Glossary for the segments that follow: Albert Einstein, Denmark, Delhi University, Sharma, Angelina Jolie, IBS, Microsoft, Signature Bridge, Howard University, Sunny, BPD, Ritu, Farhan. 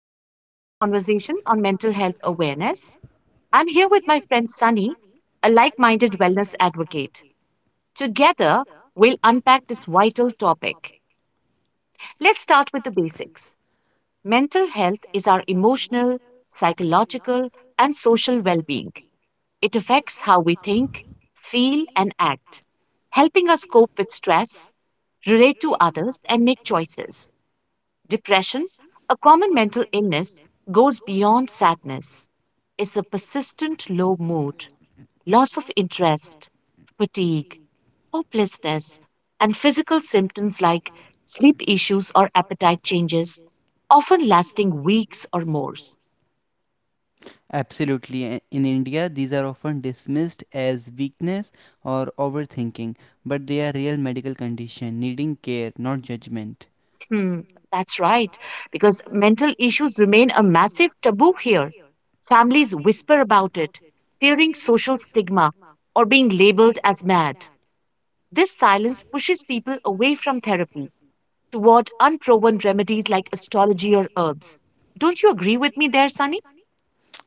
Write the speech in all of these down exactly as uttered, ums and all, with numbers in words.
to our candid conversation on mental health awareness. I'm here with my friend Sunny, a like minded wellness advocate. Together, we'll unpack this vital topic. Let's start with the basics. Mental health is our emotional, psychological, and social well being. It affects how we think, feel, and act, helping us cope with stress, relate to others, and make choices. Depression, a common mental illness, goes beyond sadness. It's a persistent low mood, loss of interest, fatigue, hopelessness, and physical symptoms like sleep issues or appetite changes, often lasting weeks or more. Absolutely. In India, these are often dismissed as weakness or overthinking, but they are real medical condition needing care, not judgment. Hmm, that's right, because mental issues remain a massive taboo here. Families whisper about it, fearing social stigma or being labeled as mad. This silence pushes people away from therapy toward unproven remedies like astrology or herbs. Don't you agree with me there, Sunny?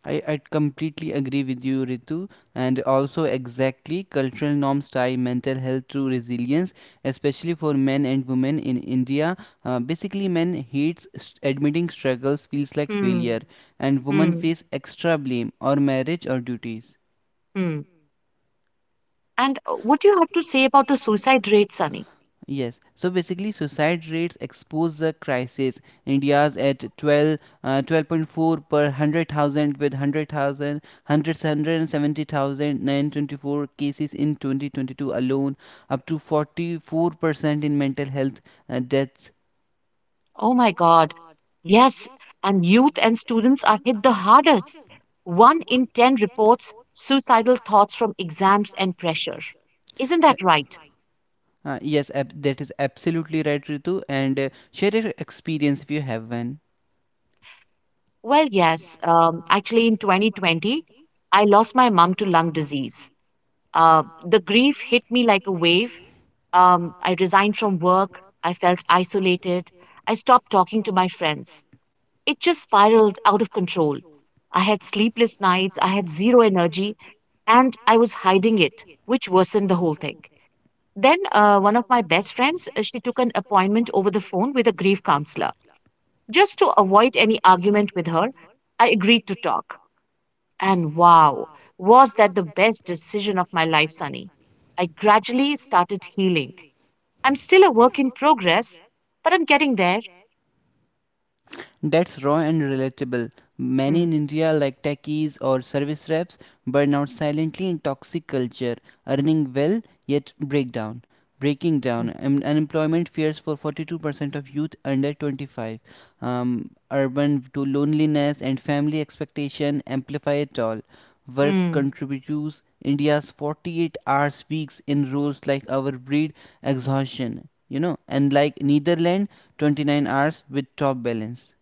I, I completely agree with you, Ritu, and also exactly cultural norms tie mental health to resilience, especially for men and women in India. Uh, basically, men hates st- admitting struggles feels like Hmm, failure, and women hmm, face extra blame or marriage or duties. hmm. And uh, what do you have to say about the suicide rate, Sunny? Yes, so basically, suicide rates expose the crisis. India's at twelve, uh, twelve point four per one hundred thousand with one hundred thousand cases in twenty twenty-two alone, up to forty-four percent in mental health uh, deaths. Oh my God. Yes, and youth and students are hit the hardest. One in ten reports suicidal thoughts from exams and pressure. Isn't that Isn't that right? right? Uh, yes, ab- that is absolutely right, Ritu. And uh, share your experience if you have one. Well, yes. Um, actually, in twenty twenty, I lost my mom to lung disease. Uh, the grief hit me like a wave. Um, I resigned from work. I felt isolated. I stopped talking to my friends. It just spiraled out of control. I had sleepless nights. I had zero energy and I was hiding it, which worsened the whole thing. Then, uh, one of my best friends, uh, she took an appointment over the phone with a grief counselor. Just to avoid any argument with her, I agreed to talk. And wow, was that the best decision of my life, Sunny? I gradually started healing. I'm still a work in progress, but I'm getting there. That's raw and relatable. Many Hmm, in India, like techies or service reps, burn out silently in toxic culture, earning well yet break down. Breaking hmm, down. Um, unemployment fears for forty-two percent of youth under twenty-five. Um, urban to loneliness and family expectation amplify it all. Work hmm. contributes India's forty-eight hours weeks in roles like our breed exhaustion, you know, and like Netherlands twenty-nine hours with top balance.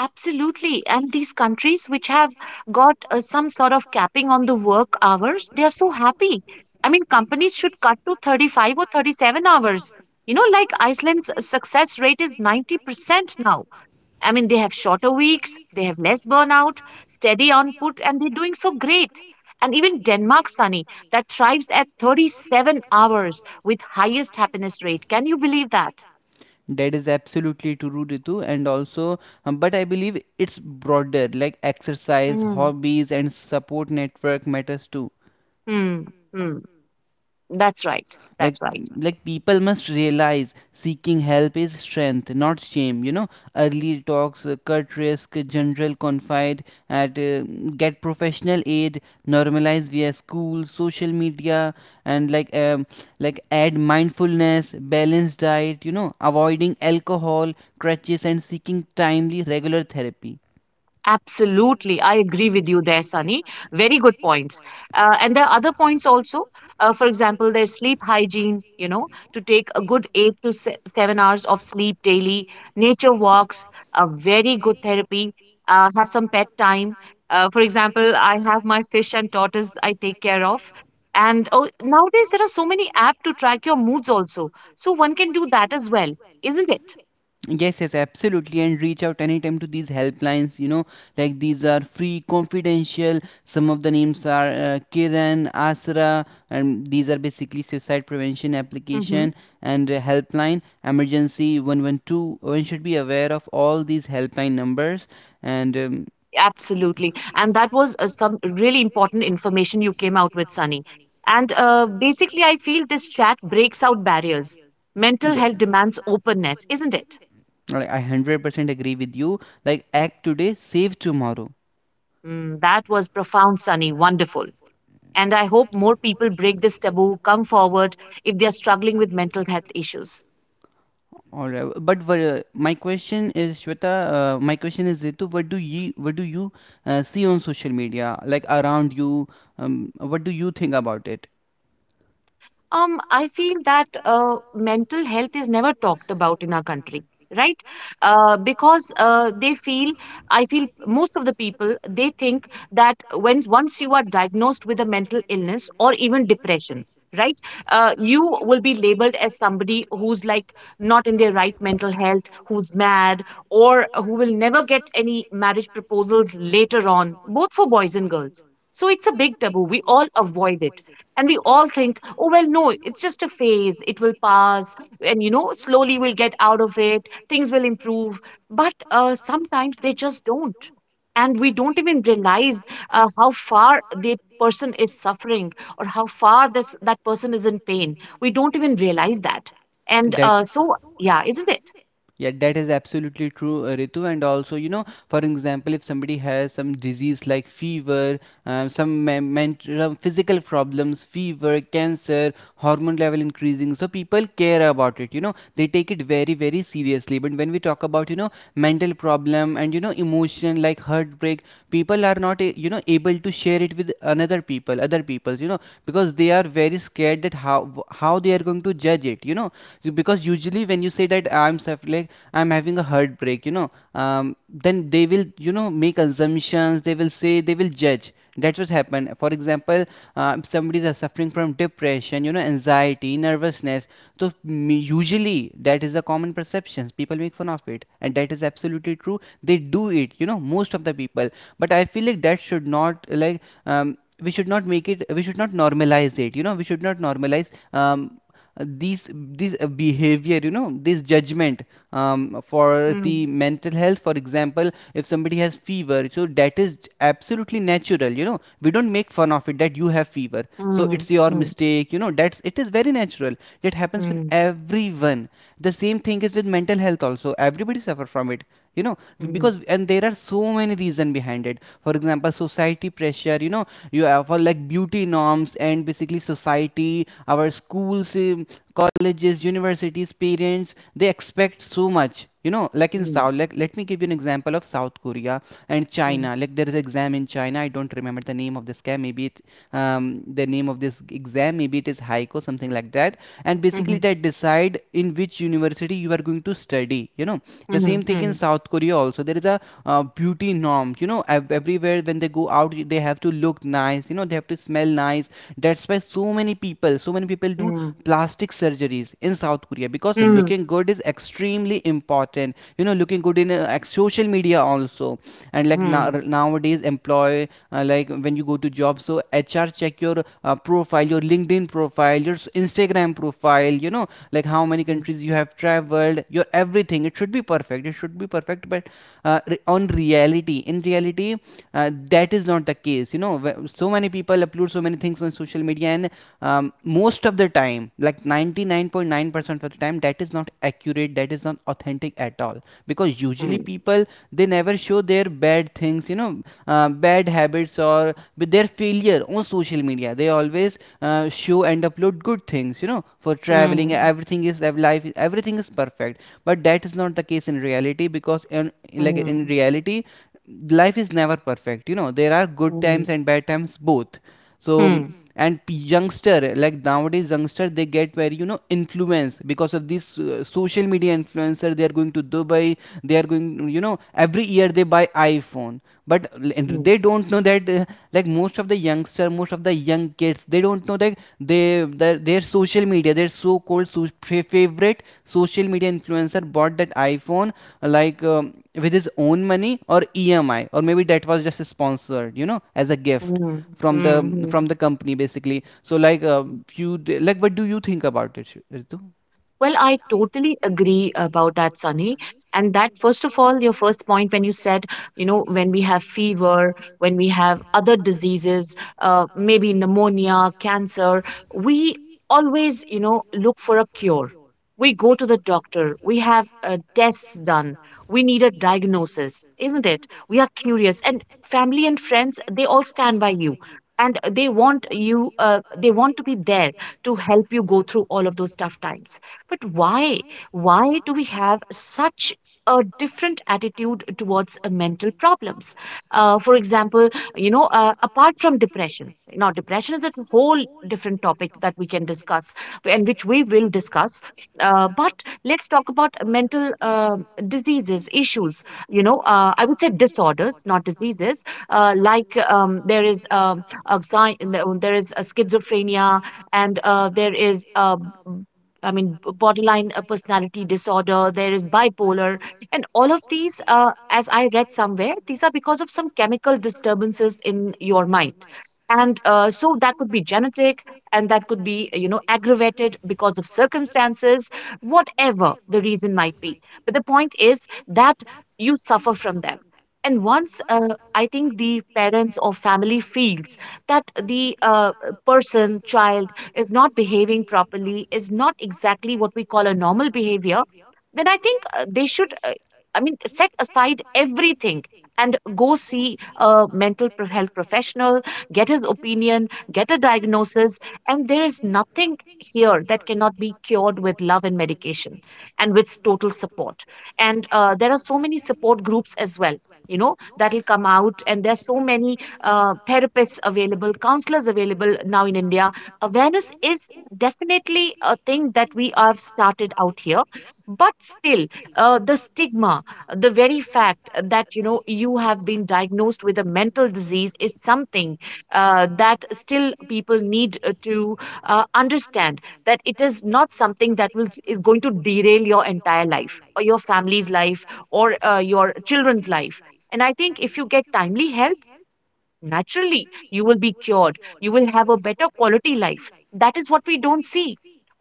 Absolutely. And these countries which have got uh, some sort of capping on the work hours, they are so happy. I mean, companies should cut to thirty-five or thirty-seven hours. You know, like Iceland's success rate is ninety percent now. I mean, they have shorter weeks, they have less burnout, steady output, and they're doing so great. And even Denmark, Sunny, that thrives at thirty-seven hours with highest happiness rate. Can you believe that? That is absolutely true, Ritu, and also, um, but I believe it's broader, like exercise, Hmm. hobbies, and support network matters too, Hmm. Hmm. That's right. like That's right. like people must realize seeking help is strength not shame, you know. Early talks uh, cut risk general confide at uh, get professional aid, normalize via school social media, and like um, like add mindfulness, balanced diet, you know, avoiding alcohol crutches and seeking timely regular therapy. Absolutely. I agree with you there, Sunny. Very good points. Uh, and there are other points also. Uh, for example, there's sleep hygiene, you know, to take a good eight to se- seven hours of sleep daily. Nature walks are very good therapy. Uh, have some pet time. Uh, for example, I have my fish and tortoise I take care of. And oh, nowadays there are so many apps to track your moods also. So one can do that as well, isn't it? Yes, yes, absolutely. And reach out anytime to these helplines. You know, like these are free, confidential. Some of the names are uh, Kiran, Asra, and these are basically suicide prevention Mm-hmm. application, and uh, helpline emergency one one two. One two. One should be aware of all these helpline numbers. And um, Absolutely. And that was uh, some really important information you came out with, Sunny. And uh, basically, I feel this chat breaks out barriers. Mental yeah, health demands openness, isn't it? I one hundred percent agree with you. Like, act today, save tomorrow. Mm, that was profound, Sunny. Wonderful. And I hope more people break this taboo, come forward if they're struggling with mental health issues. All right. But wha- my question is, Shweta, uh, My question is, Ritu, what do you what do you uh, see on social media, like around you? Um, what do you think about it? Um, I feel that uh, mental health is never talked about in our country, right? Uh, because uh, they feel, I feel most of the people, they think that when once you are diagnosed with a mental illness or even depression, right, uh, you will be labeled as somebody who's like not in their right mental health, who's mad, or who will never get any marriage proposals later on, both for boys and girls. So it's a big taboo. We all avoid it and we all think, oh, well, no, it's just a phase. It will pass. And, you know, slowly we'll get out of it. Things will improve. But uh, sometimes they just don't. And we don't even realize uh, how far the person is suffering or how far this that person is in pain. We don't even realize that. And That uh, so, yeah, isn't it? Yeah, that is absolutely true, uh, Ritu. And also, you know, for example, if somebody has some disease like fever, um, some me- mental, physical problems, fever, cancer, hormone level increasing, so people care about it. You know, they take it very, very seriously. But when we talk about, you know, mental problem and you know, emotion like heartbreak, people are not, a- you know, able to share it with another people, other people. You know, because they are very scared that how how they are going to judge it. You know, so, because usually when you say that I'm suffering, i'm having a heartbreak, you know, um, then they will, you know, make assumptions, they will say, they will judge. That's what happened. For example, uh, if somebody is suffering from depression, you know, anxiety, nervousness, so m- usually that is the common perceptions, people make fun of it, and that is absolutely true, they do it, you know, most of the people. But I feel like that should not, like, um, we should not make it, we should not normalize it, you know, we should not normalize, um, uh, these these uh, behavior, you know, this judgment, um, for the Mm, mental health. For example, if somebody has fever, so that is absolutely natural, you know, we don't make fun of it that you have fever, so mm, it's your mm, mistake, you know, that's, it is very natural, that happens with mm, everyone. The same thing is with mental health also, everybody suffer from it, you know, mm, because, and there are so many reason behind it. For example, society pressure, you know, you have for like beauty norms, and basically society, our schools, eh, colleges, universities, parents, they expect so much, you know. Like in mm, south, like let me give you an example of south korea and mm, china. Like there is an exam in china, I don't remember the name of this scam, maybe it um, the name of this exam maybe it is haiku something like that, and basically mhm, they decide in which university you are going to study, you know. The same mhm, thing in mhm, south korea also, there is a uh, beauty norm, you know. Ev- everywhere when they go out they have to look nice, you know, they have to smell nice. That's why so many people so many people do plastic surgeries in South Korea, because mm, looking good is extremely important. You know, looking good in uh, like, social media also, and like now, mm, nowadays employ uh, like when you go to job, so H R check your uh, profile, your LinkedIn profile, your Instagram profile. You know, like how many mm, countries you have traveled, your everything. It should be perfect. It should be perfect, but uh, re- on reality, in reality, uh, that is not the case, you know. So many people upload so many things on social media, and um, most of the time, like ninety-nine point nine percent of the time, that is not accurate, that is not authentic at all, because usually mm, people they never show their bad things, you know, uh, bad habits or with their failure on social media, they always uh, show and upload good things, you know, for traveling mm. everything is life, everything is perfect, but that is not the case in reality. Because in, like 嗯，in reality, life is never perfect, you know, there are good 嗯，times and bad times both. So mm, 嗯，and p- youngster like nowadays youngster they get very, you know, influence because of this uh, social media influencer, they are going to dubai, they are going, you know, every year they buy iphone, but l- and 嗯，they don't know that uh, like most of the youngster most of the young kids they don't know that they their, their social media, their so called, so, favorite social media influencer bought that iphone uh, like um, with his own money or emi, or maybe that was just sponsored, you know, as a gift 嗯，from the 嗯，嗯 from the company basically. So like a uh, 嗯。few d- like what do you think about it, Ritu? Well, I totally agree about that, Sunny. And that, first of all, your first point when you said, you know, when we have fever, when we have other diseases, uh, maybe pneumonia, cancer, we always, you know, look for a cure. We go to the doctor, we have uh, tests done, we need a diagnosis, isn't it? We are curious. And family and friends, they all stand by you. And they want you, uh, they want to be there to help you go through all of those tough times. But why? Why do we have such a different attitude towards uh, mental problems? Uh, for example, you know, uh, apart from depression, now depression is a whole different topic that we can discuss and which we will discuss. Uh, but let's talk about mental uh, diseases, issues, you know, uh, I would say disorders, not diseases. Uh, like um, there is um, anxi- there is a schizophrenia, and uh, there is uh, I mean, b- borderline uh, personality disorder, there is bipolar. And all of these, uh, as I read somewhere, these are because of some chemical disturbances in your mind. And uh, so that could be genetic and that could be, you know, aggravated because of circumstances, whatever the reason might be. But the point is that you suffer from them. And once uh, I think the parents or family feels that the uh, person, child, is not behaving properly, is not exactly what we call a normal behavior, then I think uh, they should, uh, I mean, set aside everything and go see a mental pro- health professional, get his opinion, get a diagnosis. And there is nothing here that cannot be cured with love and medication and with total support. And uh, there are so many support groups as well. You know, that'll come out, and there's so many uh, therapists available, counselors available now in India. Awareness is definitely a thing that we have started out here, but still, uh, the stigma, the very fact that you know you have been diagnosed with a mental disease is something uh, that still people need, uh, to uh, understand that it is not something that will is going to derail your entire life or your family's life or uh, your children's life. And I think if you get timely help, naturally you will be cured, you will have a better quality life. That is what we don't see.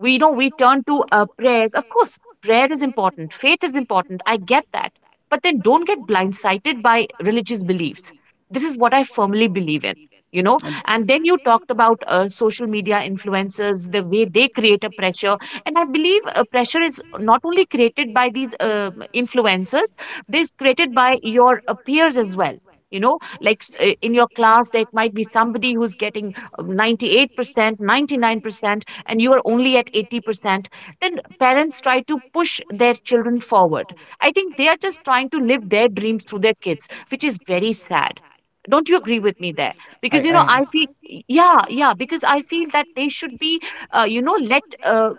We know we turn to uh, prayers. Of course, prayer is important, faith is important, I get that. But then don't get blindsided by religious beliefs. This is what I firmly believe in, you know. And And then you talked about uh, social media influencers, the way they create a pressure. And I believe uh, pressure is not only created by these uh, influencers, this created by your uh, peers as well, you know. Like uh, in your class there might be somebody who's getting ninety-eight percent ninety-nine percent and you are only at eighty percent, then parents try to push their children forward. I think they are just trying to live their dreams through their kids, which is very sad. Don't you agree with me there? I Because because you know I I feel, because yeah, yeah, because I feel that they should be, uh, you know, let uh,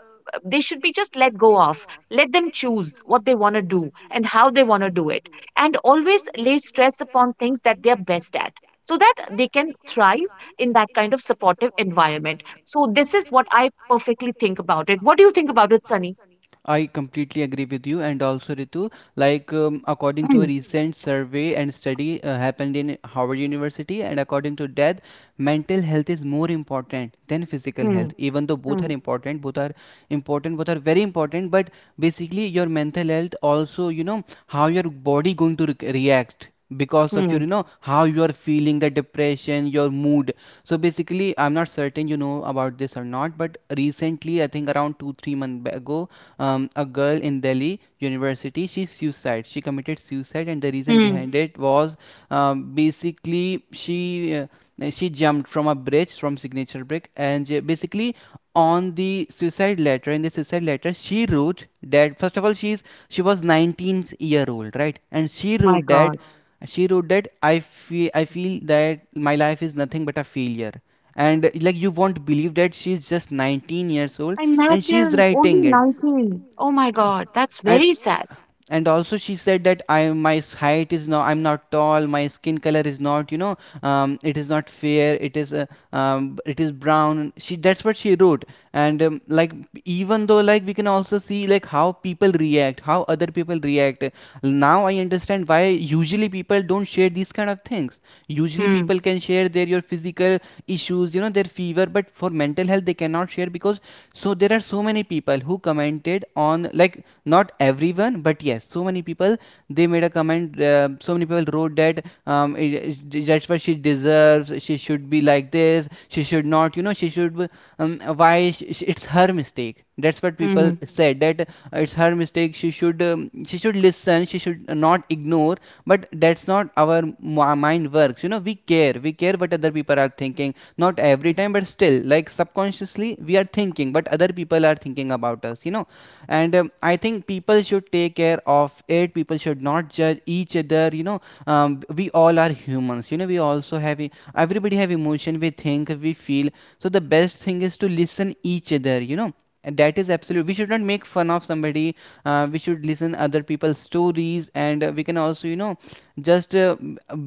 they should be, just let go of, let them choose what they want to do and how they want to do it, and always lay stress upon things that they're best at so that they can thrive in that kind of supportive environment. So this is what I perfectly think about it. What do you think about it, Sunny? I completely agree with you, and also Ritu, like um, according to a Mm, recent survey and study uh, happened in Howard University, and according to that, mental health is more important than physical health, mm, even though both are mm, important, both are important, both are very important. But basically, your mental health also, you know, how your body going to re- react because of your, you mm, know, how you are feeling, the depression, your mood. So basically, I'm not certain, you know, about this or not, but recently I think around two three months ago, um, a girl in Delhi University. She suicide. She committed suicide, and the reason mm. behind it was, um, basically she uh, she jumped from a bridge, from Signature Bridge, and uh, basically on the suicide letter, in the suicide letter she wrote that, first of all, she's she was nineteen year old, right, and she My wrote that God. she wrote that I feel I feel that my life is nothing but a failure. And uh, like you won't believe that she's just nineteen years old and she's Imagine writing only it. nineteen. Oh my God. That's And very sad. and also she said that, I my height is not, I'm not tall, my skin color is not, you know, um, it is not fair, it is uh, um, it is brown, she, that's what she wrote. And um, like, even though, like we can also see like how people react, how other people react, now I understand why usually people don't share these kind of things. Usually Hmm. people can share their, your physical physical issues, you know, their fever, but for mental health they cannot share, because, so there are so many people who commented on, like, not everyone, but yes, so many people, they made a comment, uh, so many people wrote that, um, i- i- that's what she deserves, she should be like this, she should not, you know, she should, um, why sh sh- it's her mistake, that's what people Hmm. said that, uh, it's her mistake, she should, um, she should listen, she should not ignore. But that's not our mind works, you know, we care we care what other people are thinking, not every time, but still like subconsciously we are thinking, but other people are thinking about us, you know. And um, I think people should take care of it, people should not judge each other, you know. um, we all are humans, you know, we also have e- everybody have emotion, we think, we feel, so the best thing is to listen each other, you know. And that is absolute, we should not make fun of somebody, uh, we should listen other people's stories, and uh, we can also, you know, just uh,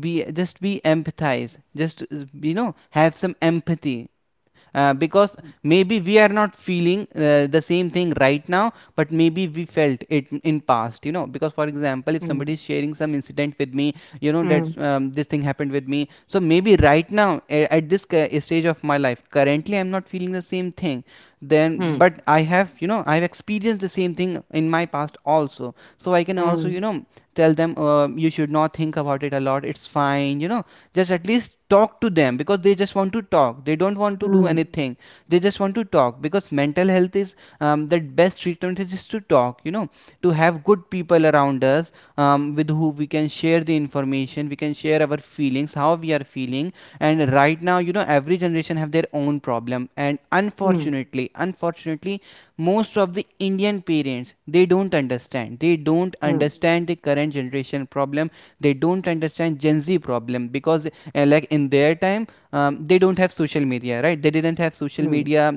be, just be empathized, just uh, you know, have some empathy, uh, because maybe we are not feeling uh, the same thing right now, but maybe we felt it in past, you know. Because for example, if somebody Hmm. is sharing some incident with me, you know that Hmm. um, this thing happened with me, so maybe right now a- at this ca- stage of my life, currently I'm not feeling the same thing then, Hmm. but I have, you know, I've experienced the same thing in my past also, so I can also, Hmm. you know, tell them uh, you should not think about it a lot, it's fine, you know. Just at least talk to them, because they just want to talk, they don't want to do Hmm. anything. They just want to talk, because mental health is, um, the best treatment is just to talk, you know, to have good people around us, um, with who we can share the information, we can share our feelings, how we are feeling. And right now, you know, every generation have their own problem, and unfortunately, unfortunately, most of the indian parents, they don't understand, they don't Hmm. understand the current generation problem. They don't understand gen z problem, because uh, like in their time, um, they don't have social media, right? They didn't have social Hmm. media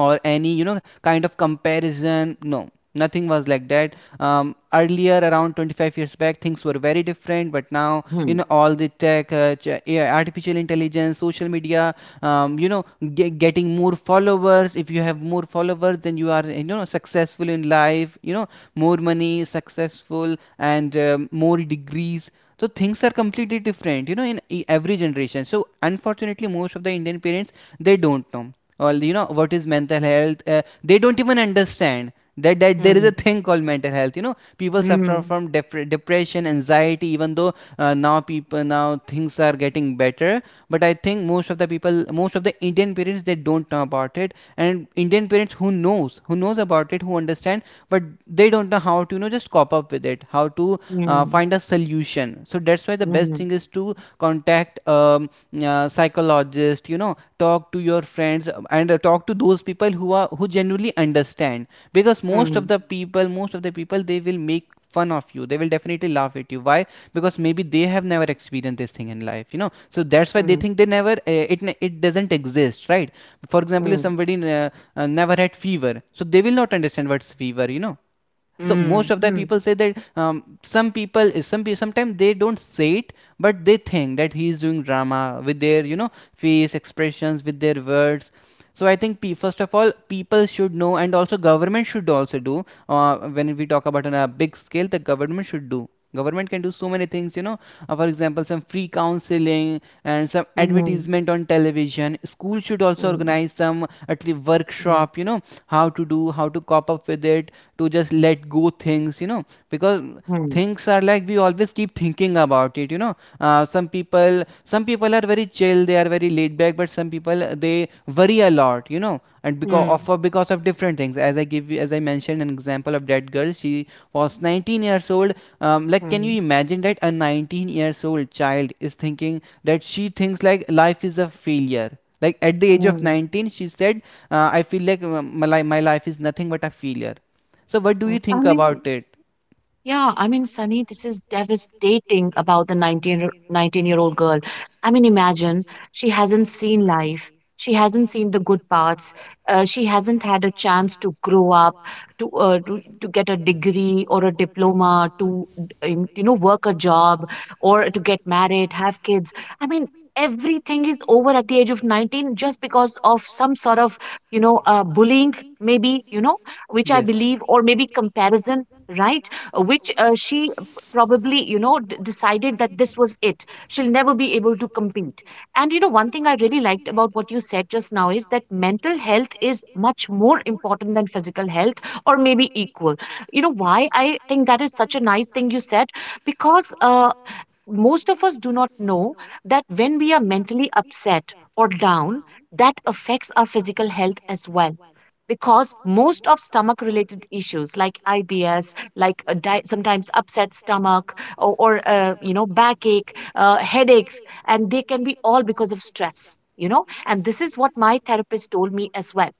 or any, you know, kind of comparison. No, nothing was like that. Um, earlier around twenty-five years back, things were very different, but now, you Hmm. know, all the tech uh, ch- yeah, artificial intelligence, social media, um, you know, ge- getting more followers. If you have more followers, then you are, you know, successful in life, you know, more money, successful, and um, more degrees. So things are completely different, you know, in e- every generation. So unfortunately, most of the indian parents, they don't know or, you know, what is mental health. Uh, they don't even understand that, that there is Hmm. a thing called mental health, you know. People suffer Hmm. from dep- depression, anxiety, even though uh, now people, now things are getting better. But I think most of the people, most of the indian parents, they don't know about it. And indian parents who knows, who knows about it, who understand, but they don't know how to, you know, just cop up with it, how to uh, Hmm. find a solution. So that's why the Hmm. best Hmm. thing is to contact um, uh, psychologist, you know, talk to your friends, um, and uh, talk to those people who are, who genuinely understand. Because most Hmm. of the people, most of the people, they will make fun of you, they will definitely laugh at you. Why? Because maybe they have never experienced this thing in life, you know. So that's why they Hmm. think they never uh, it, it doesn't exist, right? For example, if Hmm. somebody uh, uh, never had fever, so they will not understand what's fever, you know. So హ్మ్. most of the హ్మ్. people say that um, some people, eh, some sometimes they don't say it, but they think that he is doing drama with their, you know, face expressions, with their words. So I think, pe- first of all, people should know, and also government should also do, uh, when we talk about on a big scale, the government should do. Government can do so many things, you know. Uh, for example, some free counseling and some హ్మ్. advertisement on television. School should also హ్మ్. organize some at least హ్మ్. workshop, you know, how to do, how to cop up with it, to just let go things, you know. Because హ్మ్. things are, like, we always keep thinking about it, you know. Uh, some people, some people are very chill, they are very laid back, but some people, uh, they worry a lot, you know. And because హ్మ్. of, uh, because of different things, as I give you, as I mentioned an example of that girl, she was nineteen years old. Um, like, can హ్మ్. you imagine that a nineteen years old child is thinking that, she thinks like life is a failure? Like at the age of హ్మ్. nineteen she said, uh, I feel like uh, my, my life is nothing but a failure. So what do hmm. you I think about it? Yeah, I mean, Sunny, this is devastating about the nineteen year- nineteen year old girl. I mean, imagine she hasn't seen life. She hasn't seen the good parts. Uh, she hasn't had a chance to grow up, to, uh, to to get a degree or a diploma, to um, you know work a job or to get married, have kids. I mean, everything is over at the age of nineteen just because of some sort of you know uh, bullying, maybe you know, which I Yes, believe, or maybe comparison, right? Uh, which uh, she probably, you know, d- decided that this was it. She'll never be able to compete. And, you know, one thing I really liked about what you said just now is that mental health is much more important than physical health or maybe equal. You know, why I think that is such a nice thing you said? Because, uh, most of us do not know that when we are mentally upset or down, that affects our physical health as well because most of stomach related issues like I B S, like a di- sometimes upset stomach or, or uh, you know backache, uh, headaches, and they can be all because of stress. You know, and this is what my therapist told me as well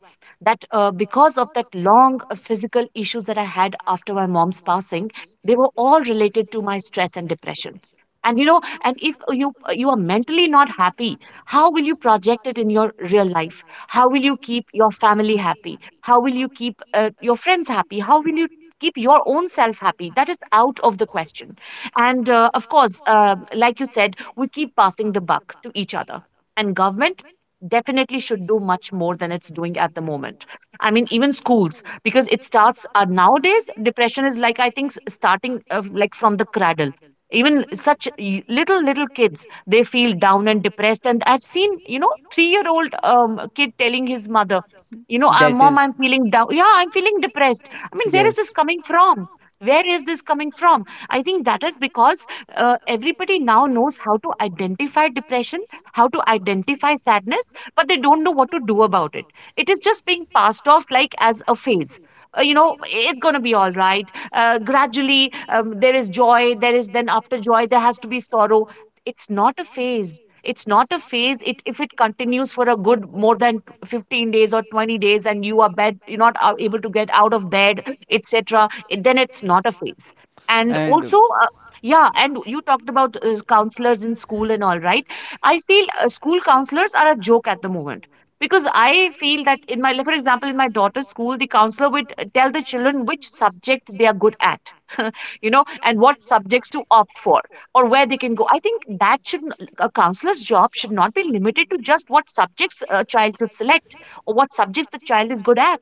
that uh, because of that long uh, physical issues that I had after my mom's passing, they were all related to my stress and depression. And you know, and if you you are mentally not happy, how will you project it in your real life? How will you keep your family happy? How will you keep uh, your friends happy? How will you keep your own self happy? That is out of the question. And uh, of course, uh, like you said, we keep passing the buck to each other. And government definitely should do much more than it's doing at the moment. I mean, even schools, because it starts uh, nowadays, depression is like, I think, s- starting uh, like from the cradle. Even such y- little, little kids, they feel down and depressed. And I've seen, you know, three year old um, kid telling his mother, you know uh, that mom, is, I'm feeling down, yeah, I'm feeling depressed. I mean, where is yes, this coming from? Where is this coming from? I think that is because uh, everybody now knows how to identify depression, how to identify sadness, but they don't know what to do about it. It is just being passed off like as a phase. Uh, you know, it's going to be all right uh, gradually. Um, there is joy, there is then after joy there has to be sorrow. It's not a phase. It's not a phase. It if it continues for a good more than fifteen days or twenty days and you are bed you're not a- able to get out of bed, etc. It- then it's not a phase. And and also, uh, yeah, and you talked about uh, counselors in school and all right, I feel uh, school counselors are a joke at the moment. Because I feel that in my, for example, in my daughter's school, the counselor would uh, tell the children which subject they are good at you know, and what subjects to opt for or where they can go. I think that should, a counselor's job should not be limited to just what subjects a child should select or what subjects the child is good at.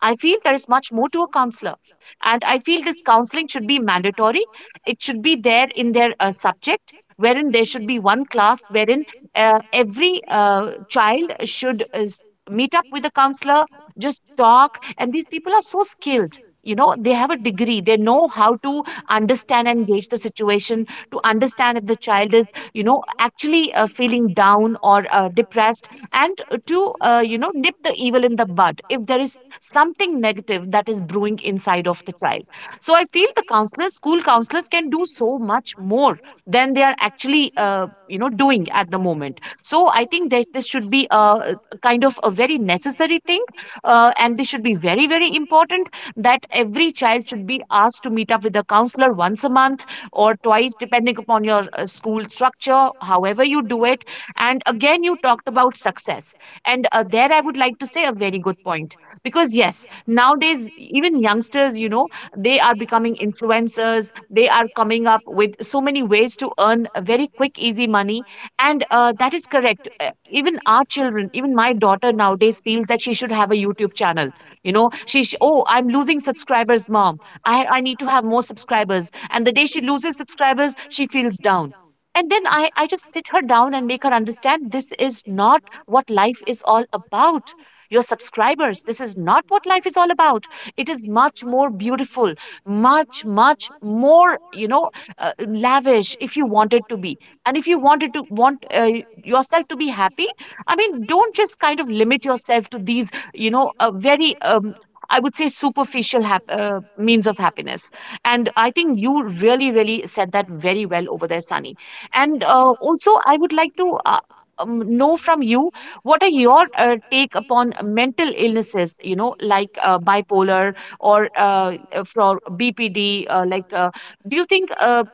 I feel there is much more to a counselor. And I feel this counseling should be mandatory. It should be there in their uh, subject, wherein there should be one class wherein uh, every uh, child should uh, s- meet up with a counselor, just talk. And these people are so skilled. You know, they have a degree. They know how to understand and gauge the situation, to understand if the child is, you know, actually uh, feeling down or uh, depressed, and to uh, you know, nip the evil in the bud if there is something negative that is brewing inside of the child. So I feel the counselors, school counselors, can do so much more than they are actually, uh, you know, doing at the moment. So I think that this should be a a kind of a very necessary thing, uh, and this should be very, very important that every child should be asked to meet up with a counselor once a month or twice, depending upon your uh, school structure, however you do it. And again, you talked about success. And uh, there I would like to say a very good point because, yes, nowadays, even youngsters, you know, they are becoming influencers, they are coming up with so many ways to earn a very quick, easy money. And uh, that is correct. Uh, even our children, even my daughter nowadays feels that she should have a YouTube channel. You know, she, sh oh, I'm losing subscribers, mom. I, I need to have more subscribers. And the day she loses subscribers, she feels down. And then I, I just sit her down and make her understand this is not what life is all about. Your subscribers, this is not what life is all about. It is much more beautiful, much, much more, you know, uh, lavish if you want it to be. And if you wanted to want uh, yourself to be happy, I mean, don't just kind of limit yourself to these, you know, uh, very, um, I would say, superficial hap- uh, means of happiness. And I think you really, really said that very well over there, Sunny. And uh, also, I would like to uh, um, know from you what are your uh, take upon mental illnesses, you know, like uh, bipolar or uh, uh, for B P D? Uh, like, uh, do you think uh,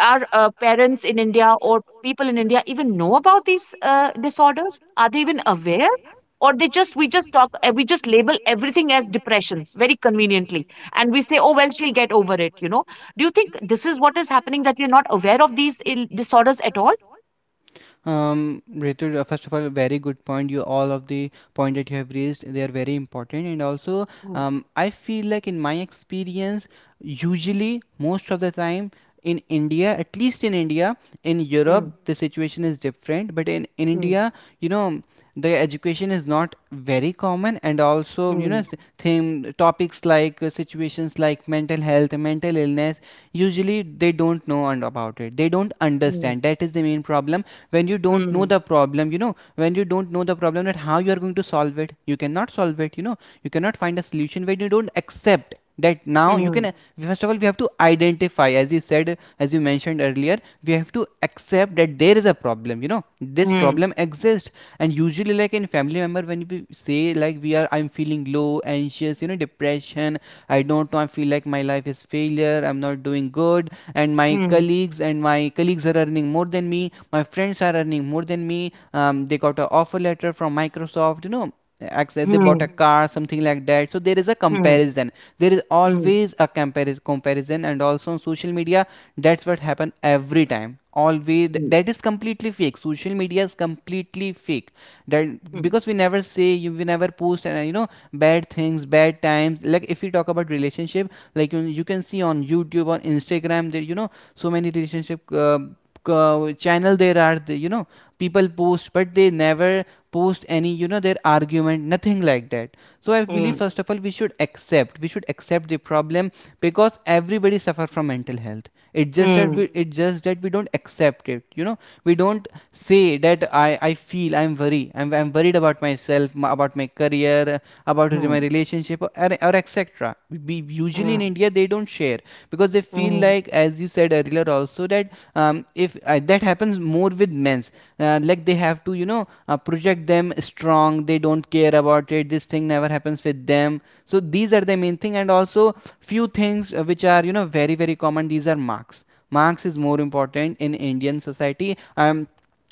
are uh, parents in India or people in India even know about these uh, disorders? Are they even aware? Or they just we just talk, uh, we just label everything as depression very conveniently, and we say, oh well, she'll get over it. You know? Do you think this is what is happening that you're not aware of these Ill- disorders at all? Um, Ritu, uh, first of all, very good point. You, all of the point that you have raised, they are very important. And also, Hmm, um, I feel like in my experience, usually most of the time, in India, at least in India, in Europe, hmm, the situation is different. But in, in India, you know, the education is not very common. And also, you know, hmm, th- theme topics like uh, situations like mental health, mental illness, usually they don't know and about it. They don't hmm, understand. That is the main problem. When you don't know hmm, the problem, you know, when you don't know the problem, that how you are going to solve it, you cannot solve it, you know. You cannot find a solution when you don't accept that. Now you hmm, can, first of all, we have to identify, as you said, as you mentioned earlier, we have to accept that there is a problem, you know, this hmm, problem exists. And usually like in family member, when we say like, we are, I'm feeling low, anxious, you know, depression. I don't know, I feel like my life is failure, I'm not doing good. And my hmm, colleagues, and my colleagues are earning more than me, my friends are earning more than me, um, they got an offer letter from microsoft, you know, they bought a hmm, car, something like that. So there is a hmm, comparison, there is hmm, always a comparison, comparison, and also on social media. That's what happen every time, always. hmm, That is completely fake, social media is completely fake. That, because we never say, you, we never post and, uh, you know, bad things, bad times. Like if we talk about relationship, like you, you can see on youtube, on instagram, there, you know, so many relationship uh, uh, channel there are. The, you know, people post, but they never post any, you know, their argument, nothing like that. So I believe hmm, first of all, we should accept, we should accept the problem. Because everybody suffer from mental health, it just hmm, that hmm, we, it just that we don't accept it, you know. We don't say that i i feel I'm worried, i'm, I'm worried about myself, m- about my career, about hmm, my relationship, or, or etc. We usually hmm, in india, they don't share, because they feel hmm, like, as you said earlier also, that um, if uh, that happens more with men's, uh, like they have to, you know, uh, project them strong, they don't care about it, this thing never happens with them. So these are the main thing, and also few things uh, which are, you know, very very common. These are marks. Marks is more important in indian society. Um,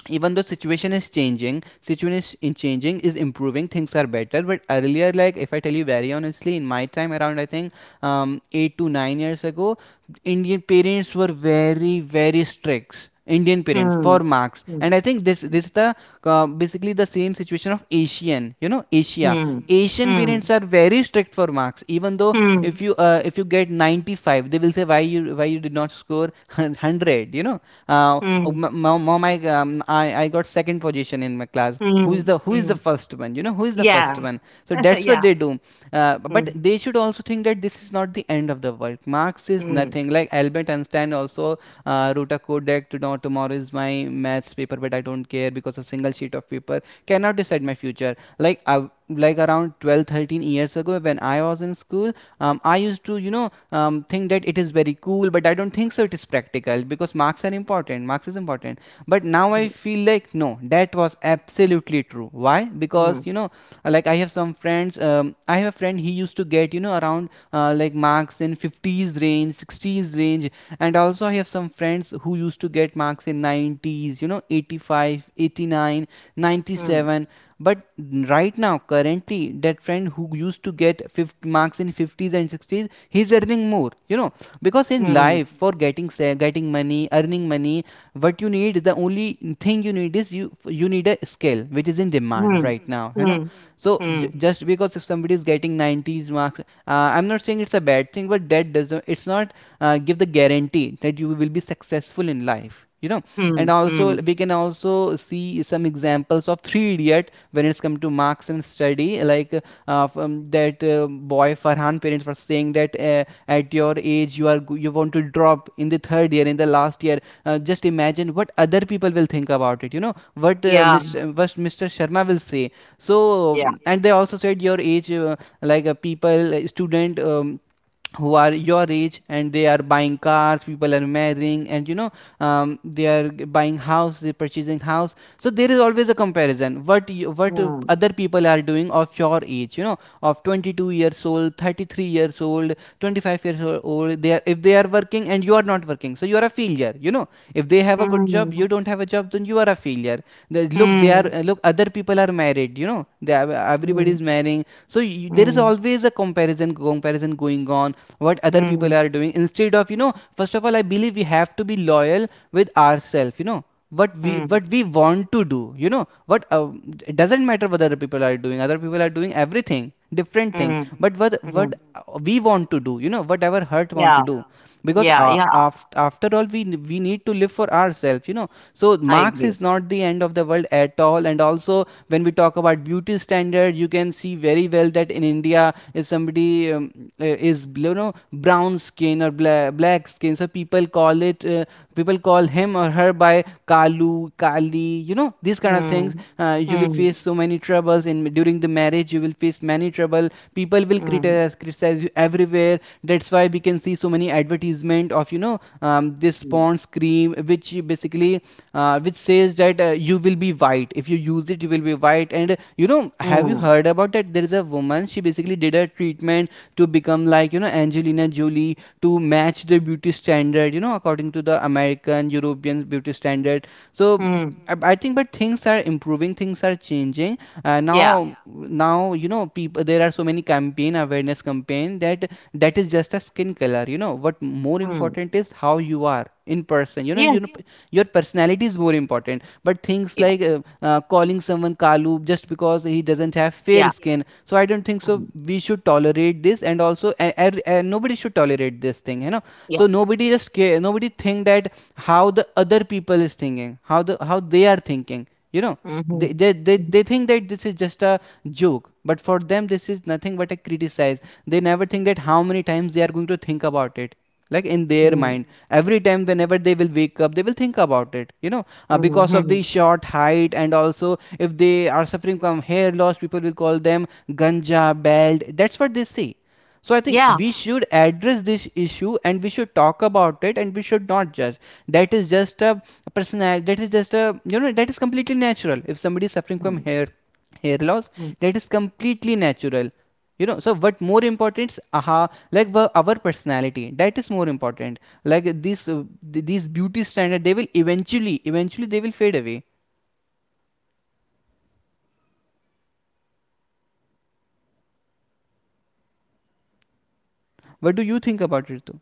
even though situation is changing, situation is changing, is improving, things are better. But earlier, like if I tell you very honestly, in my time around, I think um, eight to nine years ago, indian parents were very very strict indian parents hmm. for marks. Hmm. And I think this, this is the uh, basically the same situation of asian, you know, asia. Hmm. Asian Hmm. parents are very strict for marks. Even though Hmm. if you uh, if you get ninety-five, they will say, why you, why you did not score hundred, you know? Uh, oh, Hmm. mom, I, um, I i got second position in my class. Who Hmm. is the, who is Hmm. the first one, you know, who is the Yeah. first one? So that's Yeah. what they do. uh, Hmm. But they should also think that this is not the end of the world, marks is Hmm. nothing. Like albert einstein also uh, wrote a code that, tomorrow is my maths paper, but I don't care, because a single sheet of paper cannot decide my future. Like I, like around twelve, thirteen years ago, when I was in school, um, I used to, you know, um, think that it is very cool. But I don't think so it is practical, because marks are important, marks is important. But now I feel like, no, that was absolutely true. Why? Hmm. Because, you know, like I have some friends, um, I have a friend, he used to get, you know, around, uh, like marks in fifties range, sixties range. And also I have some friends who used to get marks in nineties, you know, eighty five, eighty nine, ninety Hmm. seven. But right now, currently, that friend who used to get fifty marks, in fifties and sixties, he's earning more. You know, because in Hmm. life, Hmm. for getting sa- getting money, earning money, what you need, the only thing you need is, you you need a skill which is in demand Hmm. right now. You know, Hmm. so Hmm. j- just because if somebody is getting nineties marks, uh, I'm not saying it's a bad thing, but that doesn't it's not uh, give the guarantee that you will be successful in life. You know, Hmm. and Hmm. also we can also see some examples of Three Idiot when it's come to marks and study. Like uh, from that uh, boy Farhan, parents were saying that uh, at your age you are you want to drop in the third year, in the last year. Uh, just imagine what other people will think about it. You know what uh, Yeah. Mr. what Mister Sharma will say. So Yeah. mm, and they also said your age, uh, like a people, uh, student, um, who are your age and they are buying cars, people are marrying, and you know, um, they are g- buying house, they're purchasing house. So there is always a comparison, what you, what uh, Hmm. other people are doing of your age, you know, of twenty-two years old, thirty-three years old, twenty-five years old. They are, if they are working and you are not working, so you are a failure, you know. If they have a good job, Hmm. you don't have a job, then you are a failure. They- look, they are, Hmm. look, other people are married, you know, they are, Hmm. everybody is marrying. So you, there is Hmm. always a comparison comparison going on, what other Hmm. people are doing instead of, you know, first of all I believe we have to be loyal with ourselves, you know, what we Hmm. what we want to do, you know. What uh, it doesn't matter what other people are doing. Other people are doing everything, different thing, Hmm. but what Hmm. what uh, we want to do, you know, whatever hurt want Yeah. to do, because Yeah. uh, Yeah. after, after all we we need to live for ourselves, you know. So I Marx agree. is not the end of the world at all. And also when we talk about beauty standard, you can see very well that in India if somebody, um, uh, is, you know, brown skin or bla- black skin, so people call it, uh, people call him or her by kalu kali, you know. These kind of things, Hmm. uh, you will Hmm. face so many troubles in during the marriage, you will face many trouble. People will Hmm. criticize criticize you everywhere. That's why we can see so many advertisement of, you know, um, this Hmm. Pond's cream, which basically, uh, which says that, uh, you will be white if you use it, you will be white. And you know, have you Hmm. heard about that there is a woman, she basically did a treatment to become like, you know, Angelina Jolie, to match the beauty standard, you know, according to the American European beauty standard. So Hmm. I I think, but things are improving, things are changing. Uh, now, Yeah. yeah, now, you know, people. There are so many campaign, awareness campaign, that that is just a skin color, you know. What more Hmm. important is how you are in person, you know, you Yes. know p- your personality is more important. But things Yes. like uh, uh, calling someone kalu just because he doesn't have Yeah. fair skin, so I don't think so Hmm. we should tolerate this. And also uh, uh, uh, nobody should tolerate this thing, you know. So Yes. Yeah. nobody just care, nobody think that how the other people is thinking, how the how they are thinking, you know. Mhm. They, they, they, they think that this is just a joke, but for them this is nothing but a criticize. They never think that how many times they are going to think about it, like in their Mhm. mind, every time whenever they will wake up they will think about it, you know, uh, because of Mhm. the short height. And also if they are suffering from hair loss, people will call them ganja, bald, that's what they say. So I think Yeah. we should address this issue and we should talk about it and we should not judge. That is just a personality. That is just a, you know, that is completely natural. If somebody is suffering from hair hair loss, Mhm. that is completely natural. You know. So what more important is, aha, like our personality. That is more important. Like these uh, these beauty standards, they will eventually eventually they will fade away. What do you think about it, Ritu?